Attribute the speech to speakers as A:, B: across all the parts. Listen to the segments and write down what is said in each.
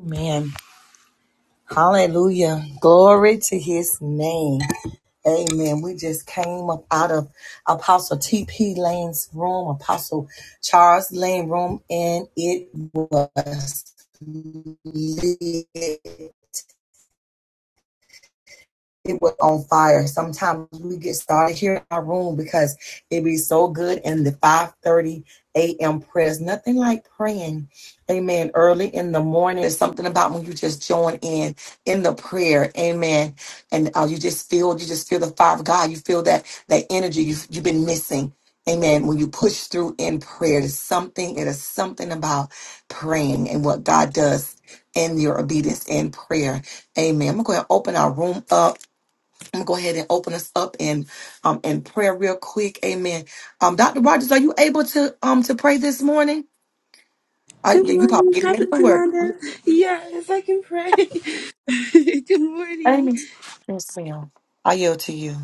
A: Amen. Hallelujah. Glory to his name. Amen. We just came up out of Apostle T.P. Lane's room, Apostle Charles Lane room, and it was lit. it was on fire. Sometimes we get started here in our room because it be so good in the 5:30 a.m. prayers. Nothing like praying, amen, early in the morning. There's something about when you just join in in the prayer, amen, and uh, you just feel you just feel the fire of God. You feel that that energy you you've been missing. Amen. When you push through in prayer, there's something, it is something about praying and what God does in your obedience in prayer. Amen. I'm going to open our room up. I'm gonna go ahead and open us up in um in prayer real quick. Amen. Um, Dr. Rogers, are you able to um to pray this morning? Uh,
B: Good
A: you you probably
B: morning,
A: getting
B: Prophet
A: ready for work.
B: Yolanda. Yes, I can pray. Good morning.
A: Amen. Yes, ma'am. I yield to you.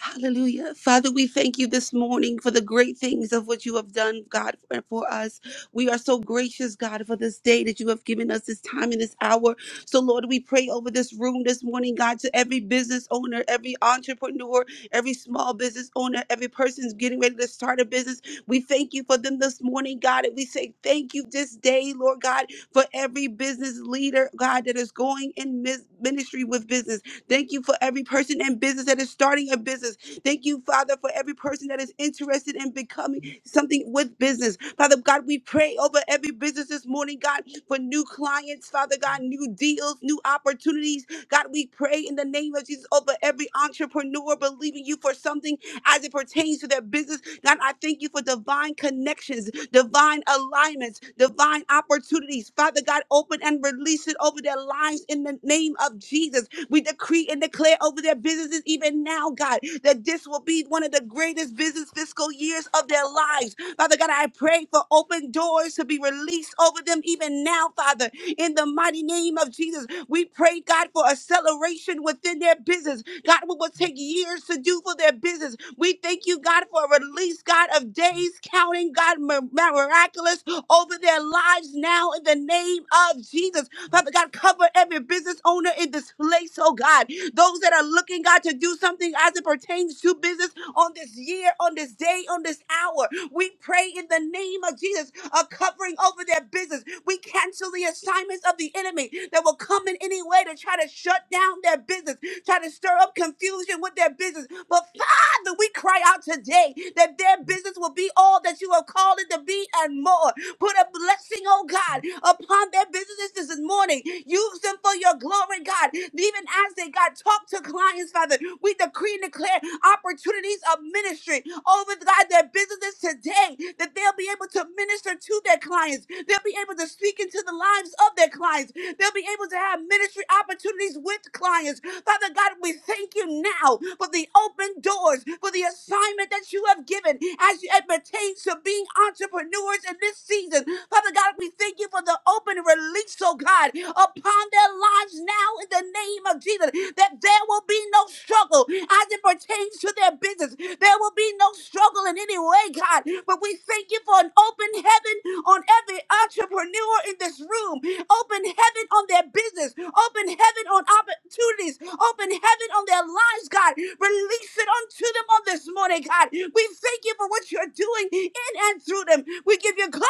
B: Hallelujah. Father, we thank you this morning for the great things of what you have done, God, for for us. We are so gracious, God, for this day that you have given us this time and this hour. So, Lord, we pray over this room this morning, God, to every business owner, every entrepreneur, every small business owner, every person's getting ready to start a business. We thank you for them this morning, God, and we say thank you this day, Lord God, for every business leader, God, that is going in mis- ministry with business. Thank you for every person in business that is starting a business. Thank you, Father, for every person that is interested in becoming something with business. Father God, we pray over every business this morning, God, for new clients, Father God, new deals, new opportunities. God, we pray in the name of Jesus over every entrepreneur believing you for something as it pertains to their business God, I thank you for divine connections, divine alignments, divine opportunities. Father God, open and release it over their lives in the name of Jesus. We decree and declare over their businesses even now, God, that this will be one of the greatest business fiscal years of their lives Father God, I pray for open doors to be released over them even now, Father, in the mighty name of Jesus. We pray, God, for acceleration within their business. God, what will take years to do for their business. We thank you, God, for a release, God, of days counting, God, mi- miraculous over their lives now in the name of Jesus. Father God, cover every business owner in this place, oh God. Those that are looking, God, to do something as it pertains to business on this year, on this day, on this hour. We pray in the name of Jesus, a covering over their business. We cancel the assignments of the enemy that will come in any way to try to shut down their business, try to stir up confusion with their business. But Father, we cry out today that their business will be all that you have called it to be and more. Put a blessing, oh God, upon their businesses this morning. Use them for your glory, God. Even as they, God, talk to clients, Father, we decree and declare opportunities of ministry over, God, their businesses today, that they'll be able to minister to their clients. They'll be able to speak into the lives of their clients. They'll be able to have ministry opportunities with clients. Father God, we thank you now for the open doors, for the assignment that you have given as it pertains to being entrepreneurs in this season. Father God, we thank you for the open release, oh God, upon their lives now in the name of Jesus, that there will be no struggle as it pertains to their business. There will be no struggle in any way, God. But we thank you for an open heaven on every entrepreneur in this room, open heaven on their business, open heaven on opportunities, open heaven on their lives, God. Release it unto them on this morning, God. We thank you for what you're doing in and through them. We give you glory,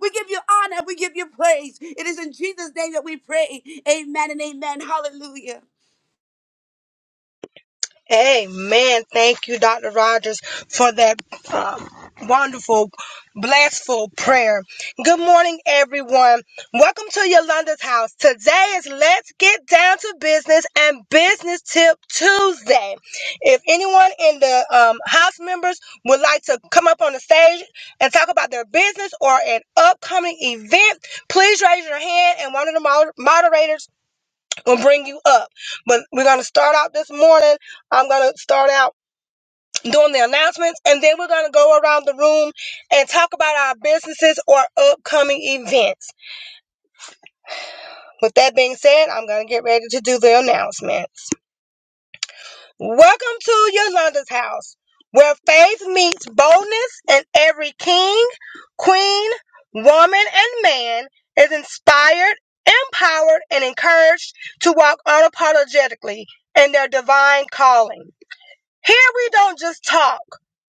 B: we give you honor. We give you praise. It is in Jesus' name that we pray. Amen and amen. Hallelujah.
C: Amen. Thank you, Dr. Rogers, for that um, wonderful, blessful prayer. Good morning, everyone. Welcome to Yolanda's house. Today is Let's Get Down to Business and Business Tip Tuesday. If anyone in the um, house members would like to come up on the stage and talk about their business or an upcoming event, please raise your hand and one of the moder- moderators and bring you up. But we're going to start out this morning. I'm going to start out doing the announcements, and then we're going to go around the room and talk about our businesses or upcoming events. With that being said, I'm going to get ready to do the announcements. Welcome to Yolanda's house, where faith meets boldness, and every king, queen, woman, and man is inspired, empowered, and encouraged to walk unapologetically in their divine calling. Here we don't just talk.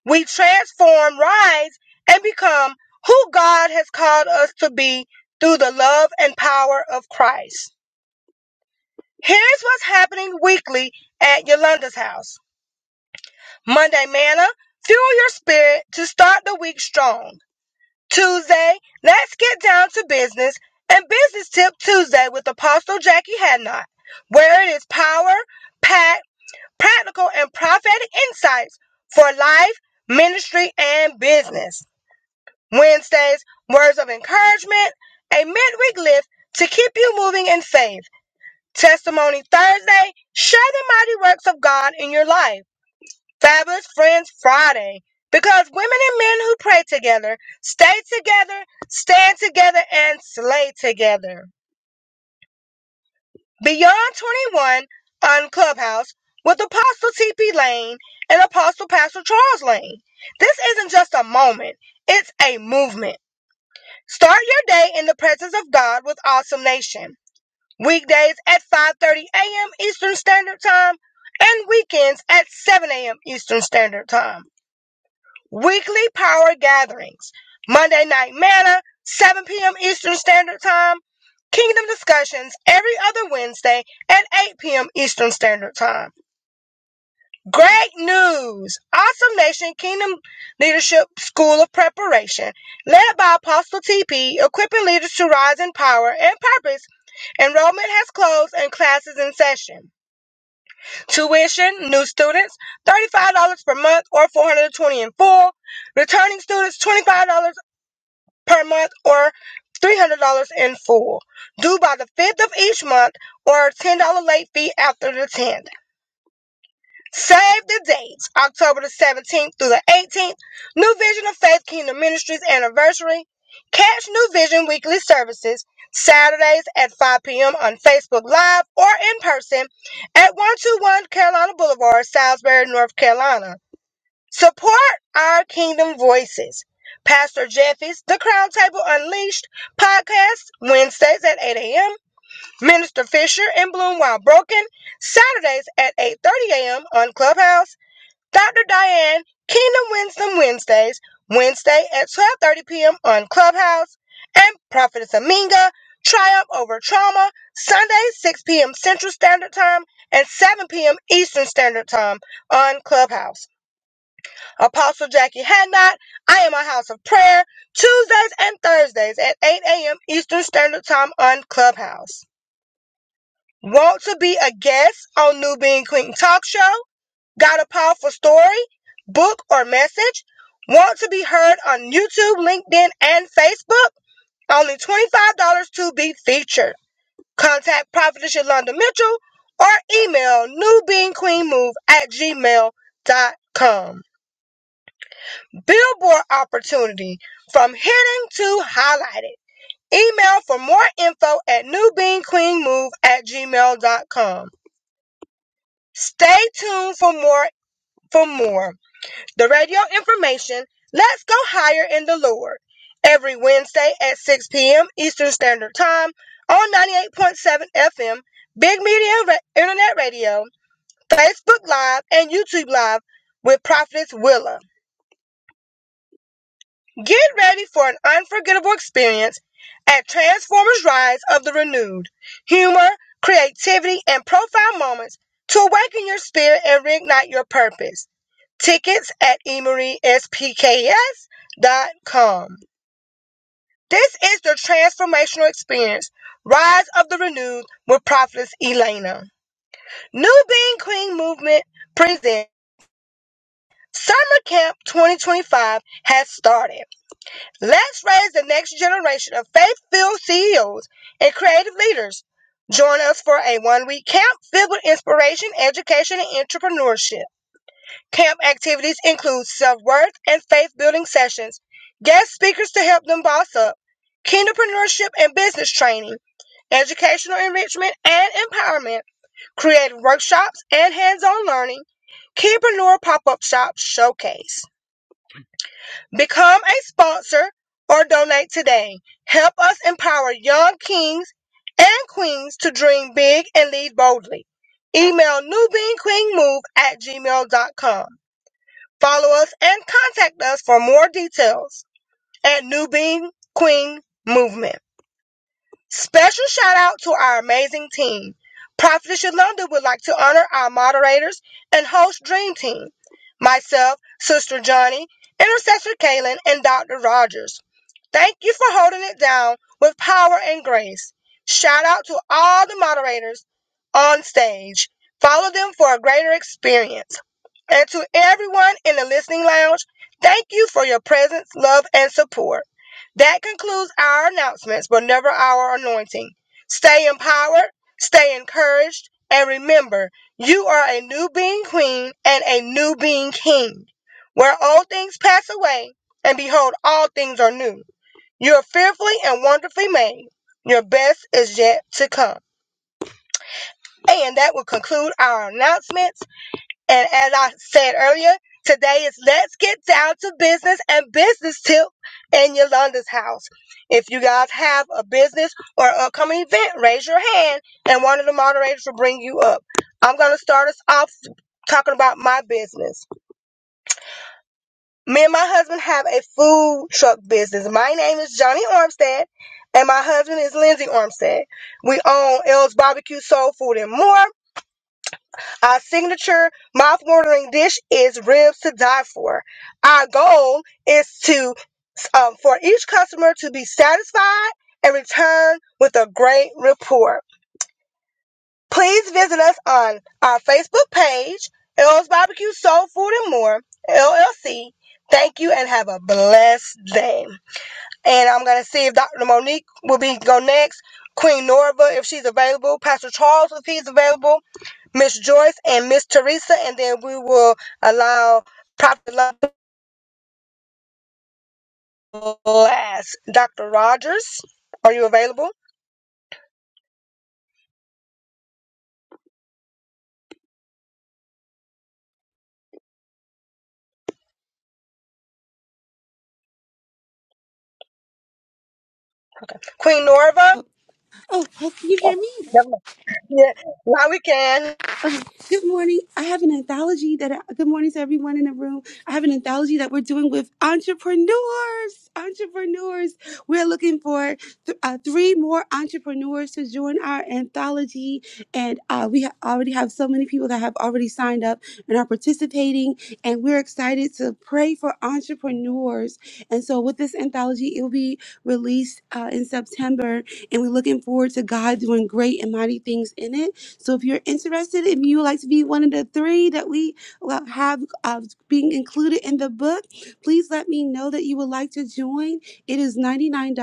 C: We transform, rise, and become who God has called us to be through the love and power of Christ. Here's what's happening weekly at Yolanda's house. Monday, manna, fuel your spirit to start the week strong. Tuesday, let's get down to business and business tip Tuesday with Apostle Jackie Hadnot, where it is power, packed practical and prophetic insights for life, ministry, and business. Wednesdays, words of encouragement, a midweek lift to keep you moving in faith. Testimony Thursday, share the mighty works of God in your life. Fabulous Friends Friday, because women and men who pray together, stay together, stand together, and slay together. Beyond 21 on Clubhouse with Apostle TP Lane and Apostle Pastor Charles Lane. This isn't just a moment, it's a movement. Start your day in the presence of God with Awesome Nation. Weekdays at 5:30 a.m. Eastern Standard Time and weekends at 7 a.m. Eastern Standard Time. Weekly power gatherings. Monday night manna, 7 p.m. Eastern Standard Time. Kingdom discussions every other Wednesday at 8 p.m. Eastern Standard Time. Great news! Awesome Nation Kingdom Leadership School of Preparation, led by Apostle TP, equipping leaders to rise in power and purpose. Enrollment has closed and classes in session. Tuition, new students, $35 per month or 420 in full. Returning students, $25 per month or $300 in full. Due by the 5th of each month or a $10 late fee after the 10th. Save the dates, October the 17th through the 18th, New Vision of Faith Kingdom Ministries anniversary. Catch New Vision weekly services Saturdays at 5 p.m. on Facebook Live or in person at 121 Carolina Boulevard, Salisbury, North Carolina. Support our Kingdom Voices. Pastor Jeffy's The Crown Table Unleashed podcast Wednesdays at 8 a.m. Minister Fisher and Bloom While Broken Saturdays at 8:30 a.m. on Clubhouse. Dr. Diane, Kingdom Wisdom Wednesdays, Wednesday at 12:30 p.m. on Clubhouse, and Prophetess Aminga, Triumph Over Trauma, Sunday 6 p.m. Central Standard Time and 7 p.m. Eastern Standard Time on Clubhouse. Apostle Jackie Hadnot, I am a house of prayer, Tuesdays and Thursdays at 8 a.m. Eastern Standard Time on Clubhouse. Want to be a guest on New Being Queen Talk Show? Got a powerful story, book, or message? Want to be heard on YouTube, LinkedIn, and Facebook? Only $25 to be featured. Contact Prophetess Yolanda Mitchell or email NewBeingQueenMove at gmail dot com. Billboard opportunity from hidden to highlighted. Email for more info at NewBeingQueenMove at gmail dot com. Stay tuned for more for more. the radio information, Let's Go Higher in the Lord, every Wednesday at 6 p.m. Eastern Standard Time on 98.7 FM, Big Media Ra- Internet Radio, Facebook Live, and YouTube Live with Prophetess Willa. Get ready for an unforgettable experience at Transformers Rise of the Renewed. Humor, creativity, and profound moments to awaken your spirit and reignite your purpose tickets at emeryspks.com. This is the transformational experience. Rise of the Renewed with Prophetess Elena. New Being Queen Movement presents Summer Camp 2025 has started. Let's raise the next generation of faith-filled CEOs and creative leaders. Join us for a one-week camp filled with inspiration, education, and entrepreneurship. Camp activities include self worth and faith building sessions, guest speakers to help them boss up, kinderpreneurship and business training, educational enrichment and empowerment, creative workshops and hands on learning, Keypreneur pop up shop showcase. Become a sponsor or donate today. Help us empower young kings and queens to dream big and lead boldly. Email newbeanqueenmove at gmail.com. Follow us and contact us for more details at New Being Queen Movement. Special shout out to our amazing team. Prophetess Yolanda would like to honor our moderators and host Dream Team, myself, Sister Johnny, Intercessor Kaylin, and Dr. Rogers. Thank you for holding it down with power and grace. Shout out to all the moderators on stage. Follow them for a greater experience. And to everyone in the listening lounge, thank you for your presence, love, and support. That concludes our announcements, but never our anointing. Stay empowered, stay encouraged, and remember, you are a new being queen and a new being king. Where old things pass away, and behold, all things are new. You are fearfully and wonderfully made. Your best is yet to come. And that will conclude our announcements. And as I said earlier, today is let's get down to business and business tip in Yolanda's house. If you guys have a business or upcoming event, raise your hand and one of the moderators will bring you up. I'm going to start us off talking about my business. Me and my husband have a food truck business. My name is Johnny Armstead and my husband is Lindsay Armstead. We own L's Barbecue Soul Food and More our signature mouth-watering dish is ribs to die for. Our goal is to um, for each customer to be satisfied and return with a great report. Please visit us on our Facebook page, L's Barbecue Soul Food and More LLC. Thank you and have a blessed day. And I'm gonna see if Dr. Monique will be go next. Queen Norva, if she's available, Pastor Charles, if he's available, Miss Joyce and Miss Teresa, and then we will allow Prophet Love last. Dr. Rogers, are you available? Queen Norva?
B: Oh, oh, can you
C: Oh,
B: hear me?
C: never mind. Yeah, now we can.
B: Uh, Good morning. I have an anthology that, I, good morning to everyone in the room. I have an anthology that we're doing with entrepreneurs. Entrepreneurs. We're looking for th- uh, three more entrepreneurs to join our anthology. And uh, we ha- already have so many people that have already signed up and are participating. And we're excited to pray for entrepreneurs. And so, with this anthology, it will be released uh, in September. And we're looking forward to God doing great and mighty things in it. So if you're interested, if you would like to be one of the three that we will have uh, being included in the book, please let me know that you would like to join. It is $99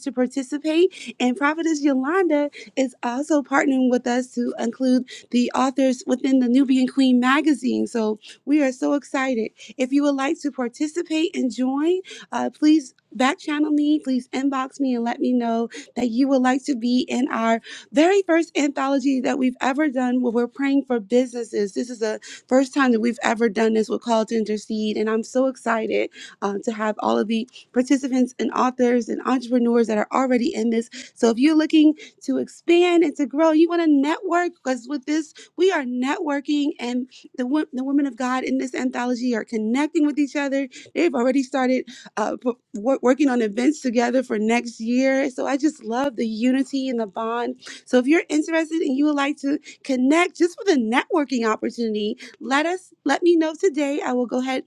B: to participate. And Prophetess Yolanda is also partnering with us to include the authors within the Nubian Queen magazine. So we are so excited. If you would like to participate and join, uh, please back channel me, please inbox me and let me know that you would like to be in our very first anthology that we've ever done where we're praying for businesses. This is the first time that we've ever done this with Call to Intercede. And I'm so excited uh, to have all of the participants and authors and entrepreneurs that are already in this. So if you're looking to expand and to grow, you want to network because with this, we are networking and the, wo- the women of God in this anthology are connecting with each other. They've already started uh, p- wor- working on events together for next year. So I just love the unity and the bond so if you're interested and you would like to connect just for the networking opportunity, let us let me know today. I will go ahead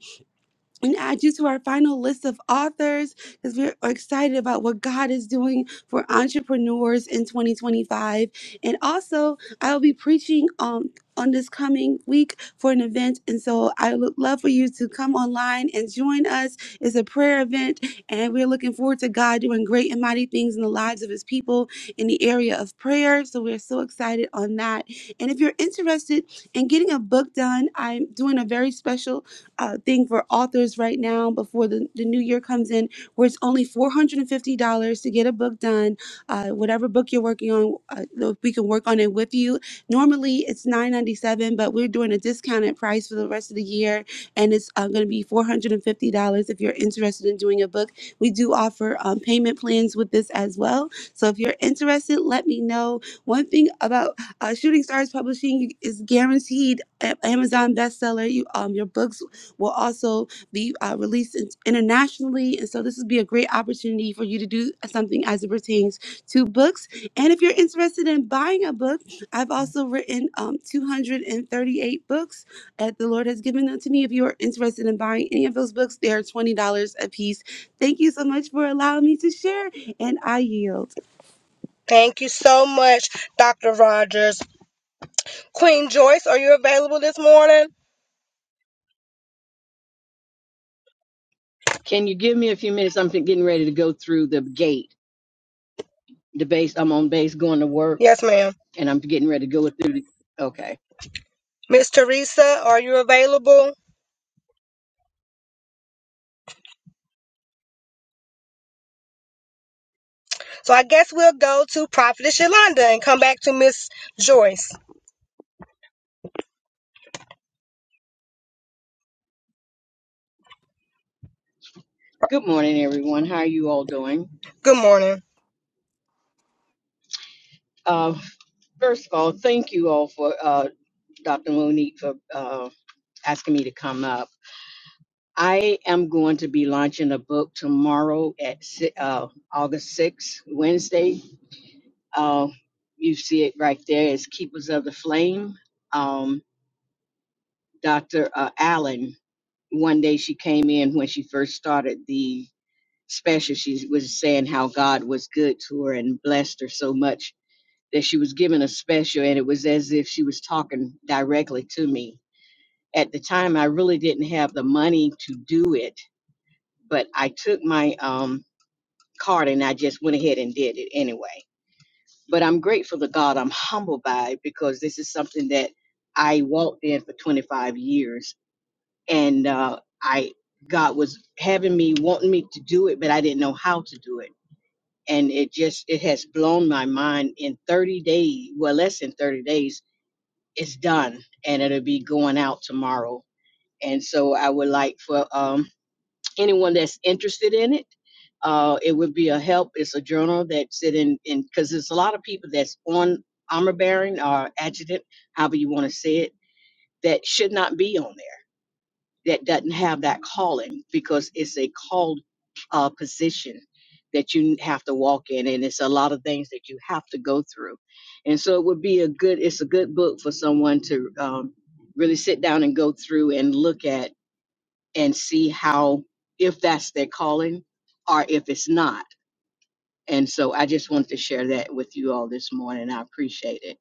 B: and add you to our final list of authors because we're excited about what God is doing for entrepreneurs in 2025. And also, I will be preaching um, on this coming week for an event. And so I would love for you to come online and join us. It's a prayer event, and we're looking forward to God doing great and mighty things in the lives of his people in the area of prayer. So we're so excited on that. And if you're interested in getting a book done, I'm doing a very special uh, thing for authors right now before the, the new year comes in, where it's only $450 to get a book done. Uh, whatever book you're working on, uh, uh, we can work on it with you. Normally it's 997 but we're doing a discounted price for the rest of the year, and it's uh, going to be $450 if you're interested in doing a book. We do offer um, payment plans with this as well. So if you're interested, let me know. One thing about uh, Shooting Stars Publishing is guaranteed a- Amazon bestseller. You, um, your books will also be uh, released in- internationally. And so this would be a great opportunity for you to do something as it pertains to books. And if you're interested in buying a book, I've also written um, 238 books that the Lord has given them to me. If you are interested in buying any of those books, they are $20 a piece. Thank you so much for allowing me to share, and I yield.
C: Thank you so much, Dr. Rogers. Queen Joyce, are you available this morning?
D: Can you give me a few minutes? I'm getting ready to go through the gate. The base. I'm on base going to work,
C: Yes, ma'am.
D: and I'm getting ready to go through. The, okay.
C: Miss Teresa, are you available? So I guess we'll go to Prophetess Yolanda and come back to Miss Joyce.
D: Good morning, everyone. How are you all doing?
C: Good morning.
D: Uh, first of all, thank you all for uh, Dr. Monique for uh, asking me to come up. I am going to be launching a book tomorrow at si- uh, August 6th, Wednesday. Uh, you see it right there. It's Keepers of the Flame. Um, Dr. Uh, Allen one day she came in when she first started the special she was saying how god was good to her and blessed her so much that she was given a special and it was as if she was talking directly to me at the time i really didn't have the money to do it but i took my um card and i just went ahead and did it anyway but i'm grateful to god i'm humbled by it because this is something that i walked in for 25 years and uh, I God was having me wanting me to do it, but I didn't know how to do it, and it just it has blown my mind. In 30 days, well, less than 30 days, it's done, and it'll be going out tomorrow. And so I would like for um, anyone that's interested in it. Uh, it would be a help. It's a journal that's in in because there's a lot of people that's on armor bearing or adjutant, however you want to say it, that should not be on there that doesn't have that calling because it's a called uh, position that you have to walk in and it's a lot of things that you have to go through and so it would be a good it's a good book for someone to um, really sit down and go through and look at and see how if that's their calling or if it's not and so i just wanted to share that with you all this morning i appreciate it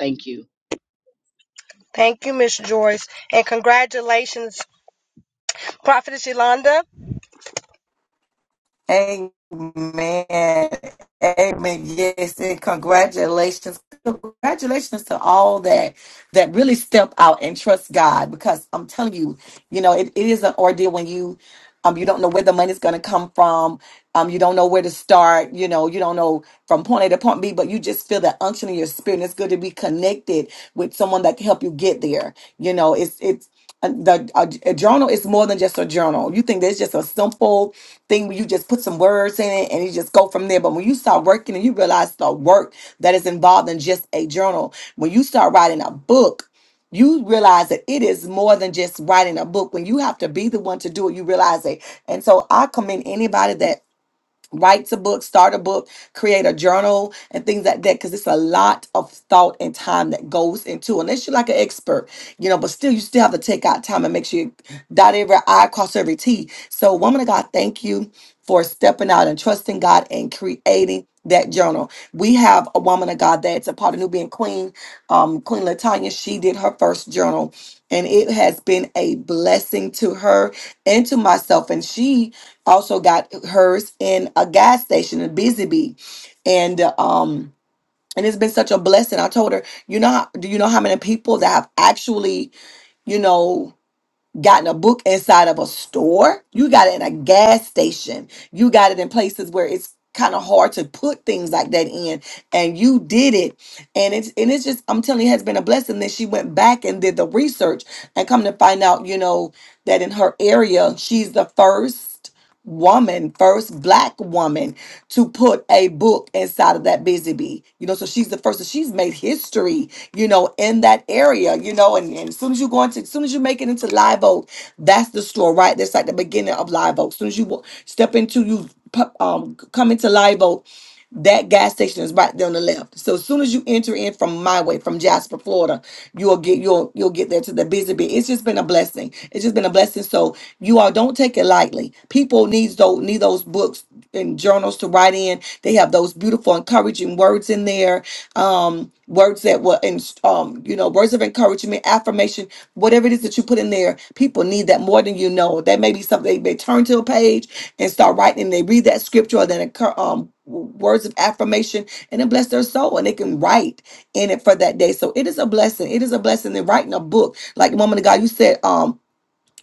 D: thank you
C: Thank you, Miss Joyce, and congratulations, Prophetess Yolanda.
A: Amen. Amen. Yes, and congratulations. Congratulations to all that that really step out and trust God because I'm telling you, you know, it, it is an ordeal when you um you don't know where the money's gonna come from. Um, you don't know where to start, you know, you don't know from point A to point B, but you just feel that unction in your spirit. And It's good to be connected with someone that can help you get there. You know, it's it's uh, the a, a journal is more than just a journal. You think that's just a simple thing where you just put some words in it and you just go from there. But when you start working and you realize the work that is involved in just a journal, when you start writing a book, you realize that it is more than just writing a book. When you have to be the one to do it, you realize it. And so I commend anybody that write a book, start a book, create a journal, and things like that. Because it's a lot of thought and time that goes into. Unless you're like an expert, you know, but still, you still have to take out time and make sure you dot every I, cross every T. So, woman of God, thank you for stepping out and trusting God and creating that journal. We have a woman of God that's a part of Nubian Queen, um, Queen Latanya. She did her first journal. And it has been a blessing to her and to myself. And she also got hers in a gas station in Busy Bee. And uh, um and it's been such a blessing. I told her, you know, how- do you know how many people that have actually, you know, gotten a book inside of a store. You got it in a gas station. You got it in places where it's kind of hard to put things like that in. And you did it. And it's and it's just I'm telling you, it has been a blessing. Then she went back and did the research and come to find out, you know, that in her area, she's the first woman, first black woman to put a book inside of that busy bee. You know, so she's the first. So she's made history, you know, in that area, you know, and, and as soon as you go into, as soon as you make it into Live Oak, that's the store, right? That's like the beginning of Live Oak. As soon as you wa- step into, you pu- um, come into Live Oak, that gas station is right there on the left. So as soon as you enter in from my way, from Jasper, Florida, you'll get you'll you'll get there to the busy bit. It's just been a blessing. It's just been a blessing. So you all don't take it lightly. People needs those need those books and journals to write in. They have those beautiful encouraging words in there um, words that were, in, um, you know, words of encouragement, affirmation, whatever it is that you put in there. People need that more than you know. That may be something they may turn to a page and start writing, and they read that scripture or that occur, um, words of affirmation, and it bless their soul, and they can write in it for that day. So it is a blessing. It is a blessing. And writing a book, like the woman of God, you said, um,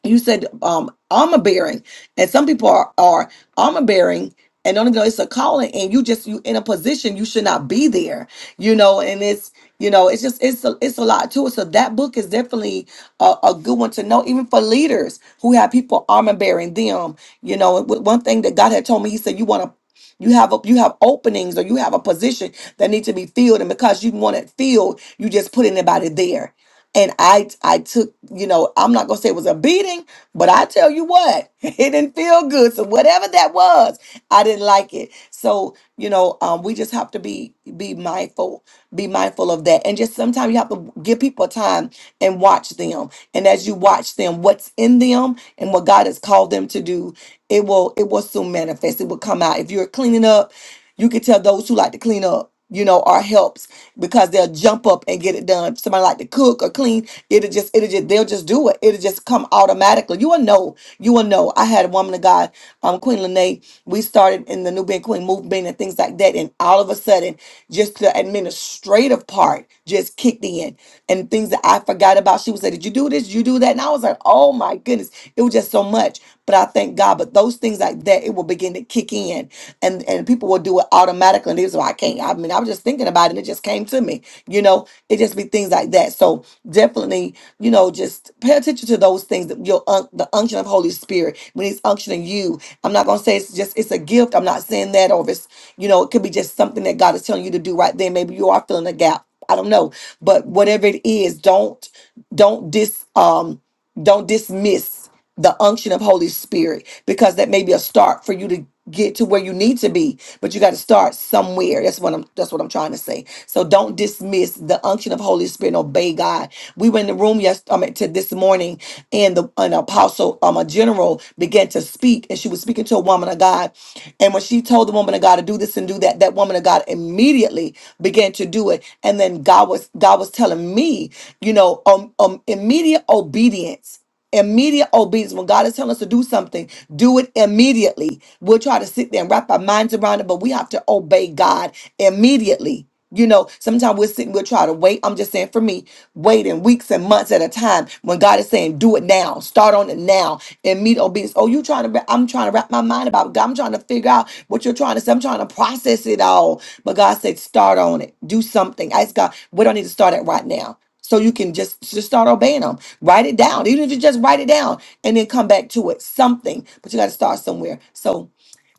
A: you said um armor bearing and some people are are armor bearing and don't even know it's a calling and you just you in a position you should not be there you know and it's you know it's just it's a, it's a lot to it so that book is definitely a, a good one to know even for leaders who have people armor bearing them you know and one thing that god had told me he said you want to you have a, you have openings or you have a position that need to be filled and because you want it filled you just put anybody there and I I took, you know, I'm not gonna say it was a beating, but I tell you what, it didn't feel good. So whatever that was, I didn't like it. So you know, um, we just have to be be mindful, be mindful of that, and just sometimes you have to give people time and watch them. And as you watch them, what's in them and what God has called them to do, it will it will soon manifest. It will come out. If you're cleaning up, you can tell those who like to clean up. You know, or help because they'll jump up and get it done. If Somebody like to cook or clean, it'll just it'll just they'll just do it. It'll just come automatically. You will know. You will know. I had a woman of God, um, Queen Lene. We started in the New Being Queen movement and things like that, and all of a sudden, just the administrative part just kicked in, and things that I forgot about. She would say, "Did you do this? Did you do that?" And I was like, "Oh my goodness!" It was just so much. But I thank God. But those things like that, it will begin to kick in and and people will do it automatically and they was like, I can't I mean I was just thinking about it and it just came to me. You know, it just be things like that. So definitely, you know, just pay attention to those things that your un- the unction of Holy Spirit when he's unctioning you. I'm not gonna say it's just it's a gift. I'm not saying that or if it's you know, it could be just something that God is telling you to do right then. Maybe you are filling a gap. I don't know. But whatever it is, don't don't dis um don't dismiss the unction of Holy Spirit because that may be a start for you to get to where you need to be but you got to start somewhere that's what I'm that's what I'm trying to say so don't dismiss the unction of Holy Spirit and obey God we were in the room yesterday I mean, to this morning and the an apostle um a general began to speak and she was speaking to a woman of God and when she told the woman of God to do this and do that that woman of God immediately began to do it and then God was God was telling me you know um, um immediate obedience Immediate obedience. When God is telling us to do something, do it immediately. We'll try to sit there and wrap our minds around it, but we have to obey God immediately. You know, sometimes we're sitting, we'll try to wait. I'm just saying for me, waiting weeks and months at a time when God is saying, do it now, start on it now, immediate obedience. Oh, you trying to, wrap- I'm trying to wrap my mind about God. I'm trying to figure out what you're trying to say. I'm trying to process it all. But God said, start on it, do something. I ask God, we don't need to start it right now. So you can just just start obeying them. Write it down, even if you just write it down and then come back to it. Something, but you got to start somewhere. So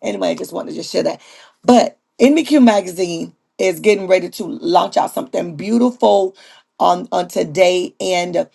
A: anyway, I just wanted to just share that. But NBQ magazine is getting ready to launch out something beautiful on on today, and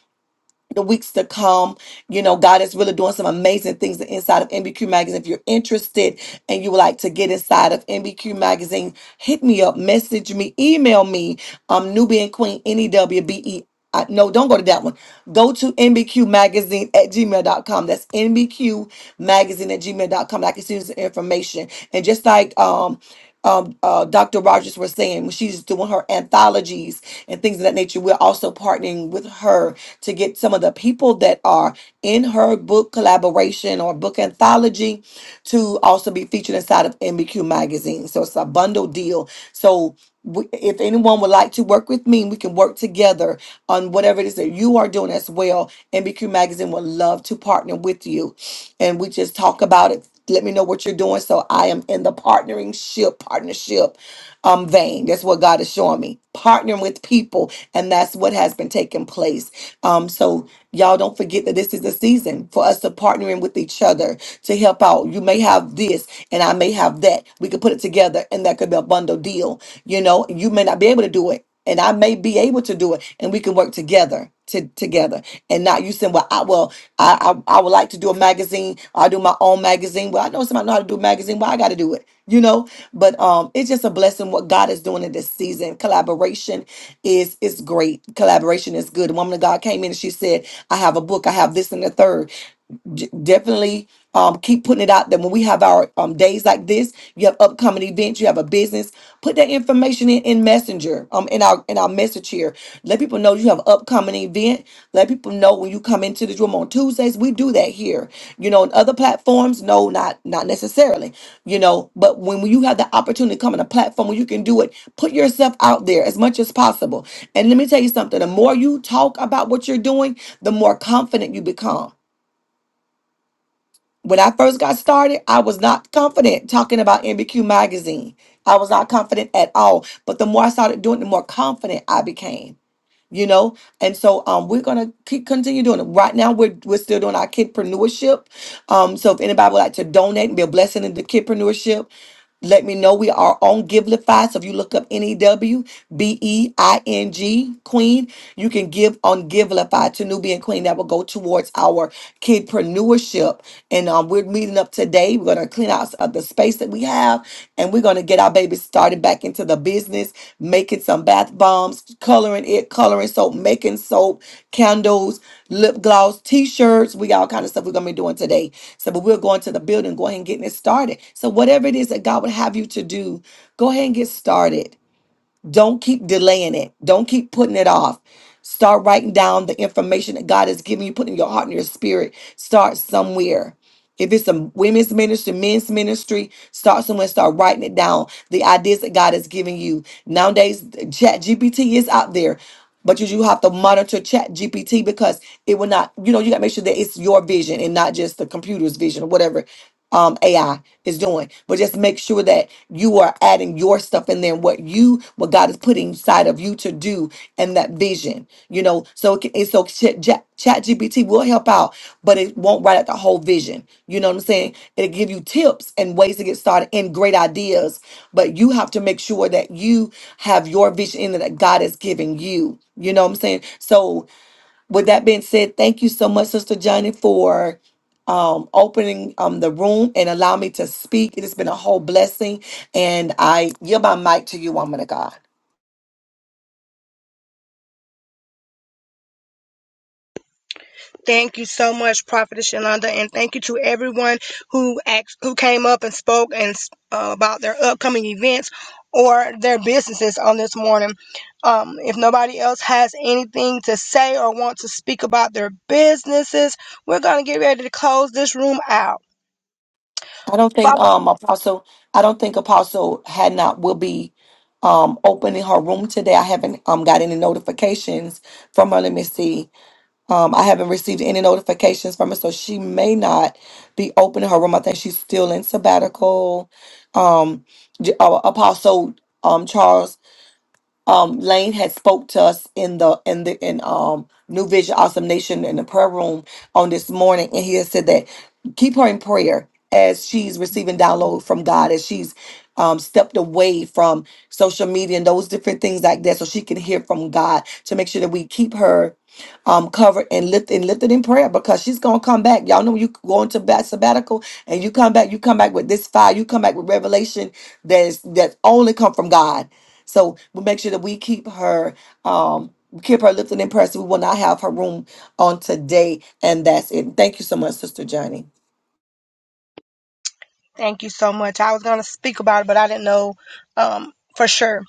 A: the weeks to come. You know, God is really doing some amazing things inside of NBQ Magazine. If you're interested and you would like to get inside of NBQ Magazine, hit me up, message me, email me, um, Nubian Queen, N-E-W-B-E. I, no, don't go to that one. Go to nbqmagazine at gmail dot com. That's nbqmagazine at gmail dot com. I can send you some information. And just like um, um, uh, Dr. Rogers was saying, when she's doing her anthologies and things of that nature, we're also partnering with her to get some of the people that are in her book collaboration or book anthology to also be featured inside of MBQ magazine. So it's a bundle deal. So we, if anyone would like to work with me, we can work together on whatever it is that you are doing as well. MBQ magazine would love to partner with you, and we just talk about it. Let me know what you're doing. So I am in the partnering ship partnership um vein. That's what God is showing me. Partnering with people, and that's what has been taking place. Um, so y'all don't forget that this is a season for us to partner in with each other to help out. You may have this and I may have that. We could put it together and that could be a bundle deal. You know, you may not be able to do it and I may be able to do it and we can work together. To, together and not you saying well I well I, I I would like to do a magazine i do my own magazine well I know somebody know how to do a magazine well I got to do it you know but um it's just a blessing what God is doing in this season collaboration is is great. Collaboration is good. The woman of God came in and she said, I have a book, I have this and the third d- definitely um, keep putting it out there. When we have our um, days like this, you have upcoming events, you have a business, put that information in, in Messenger, um, in our in our message here. Let people know you have upcoming event. Let people know when you come into this room on Tuesdays. We do that here. You know, in other platforms, no, not not necessarily. You know, but when you have the opportunity to come on a platform where you can do it, put yourself out there as much as possible. And let me tell you something: the more you talk about what you're doing, the more confident you become. When I first got started, I was not confident talking about MBQ magazine. I was not confident at all. But the more I started doing it, the more confident I became, you know? And so um, we're gonna keep continue doing it. Right now we're we're still doing our kidpreneurship. Um, so if anybody would like to donate and be a blessing in the kidpreneurship, let me know we are on Givelify. So if you look up N E W B E I N G Queen, you can give on Givelify to Nubian Queen. That will go towards our kidpreneurship. And um, we're meeting up today. We're going to clean out s- uh, the space that we have and we're going to get our babies started back into the business, making some bath bombs, coloring it, coloring soap, making soap, candles, lip gloss, t-shirts. We got all kind of stuff we're going to be doing today. So, but we're going to the building, go ahead and getting it started. So whatever it is that God would have you to do, go ahead and get started. Don't keep delaying it. Don't keep putting it off. Start writing down the information that God has given you, putting your heart and your spirit. Start somewhere. If it's a women's ministry, men's ministry, start somewhere, start writing it down. The ideas that God has given you. Nowadays, Chat GPT is out there, but you do have to monitor Chat GPT because it will not, you know, you got to make sure that it's your vision and not just the computer's vision or whatever um, AI is doing, but just make sure that you are adding your stuff in there, what you, what God is putting inside of you to do, and that vision, you know. So, it can- and so Chat, Chat GPT will help out, but it won't write out the whole vision. You know what I'm saying? It'll give you tips and ways to get started and great ideas, but you have to make sure that you have your vision in there that God has given you. You know what I'm saying? So with that being said, thank you so much, Sister Johnny, for um, opening um, the room and allow me to speak. It has been a whole blessing, and I yield my mic to you, woman of God.
C: Thank you so much, Prophetess Yolanda, and thank you to everyone who act, who came up and spoke and uh, about their upcoming events or their businesses on this morning. Um, if nobody else has anything to say or want to speak about their businesses, we're going to get ready to close this room out.
A: I don't think
C: Father,
A: um, Apostle, I don't think Apostle had not will be um, opening her room today. I haven't um, got any notifications from her. Let me see. Um, I haven't received any notifications from her, so she may not be opening her room. I think she's still in sabbatical. Um, J- uh, Apostle um, Charles um Lane had spoke to us in the in the in um New Vision Awesome Nation in the prayer room on this morning, and he has said that keep her in prayer as she's receiving download from God, as she's um, stepped away from social media and those different things like that, so she can hear from God to make sure that we keep her um, covered and lift and lifted in prayer because she's gonna come back. Y'all know you go into bat sabbatical and you come back, you come back with this fire, you come back with revelation that's that only come from God so we make sure that we keep her um keep her lifted and pressed. We will not have her room on today. And that's it. Thank you so much, Sister Johnny.
C: Thank you so much. I was going to speak about it, but I didn't know um, for sure.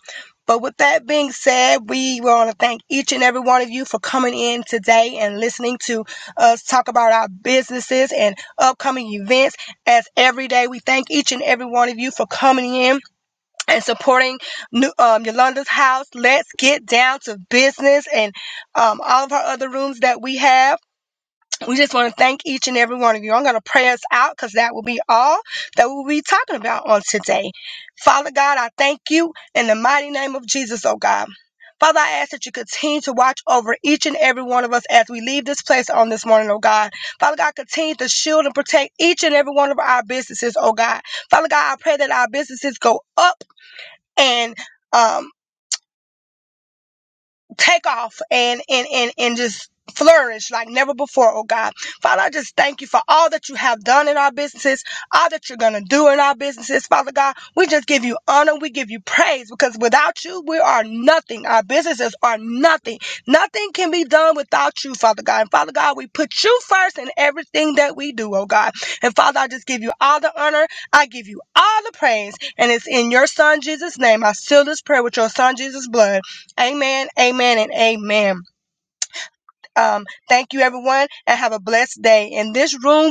C: But with that being said, we want to thank each and every one of you for coming in today and listening to us talk about our businesses and upcoming events. As every day, we thank each and every one of you for coming in and supporting New, um, Yolanda's house. Let's get down to business and um, all of our other rooms that we have we just want to thank each and every one of you. I'm going to pray us out because that will be all that we'll be talking about on today. Father God, I thank you in the mighty name of Jesus, oh God. Father, I ask that you continue to watch over each and every one of us as we leave this place on this morning, oh God. Father God, continue to shield and protect each and every one of our businesses, oh God. Father God, I pray that our businesses go up and um, take off and and and and just flourish like never before, oh God. Father, I just thank you for all that you have done in our businesses, all that you're gonna do in our businesses, Father God. We just give you honor, we give you praise because without you, we are nothing. Our businesses are nothing. Nothing can be done without you, Father God. And Father God, we put you first in everything that we do, oh God. And Father, I just give you all the honor, I give you all the praise, and it's in your son Jesus' name. I seal this prayer with your son Jesus' blood. Amen, amen, and amen. Um, thank you, everyone, and have a blessed day. In this room,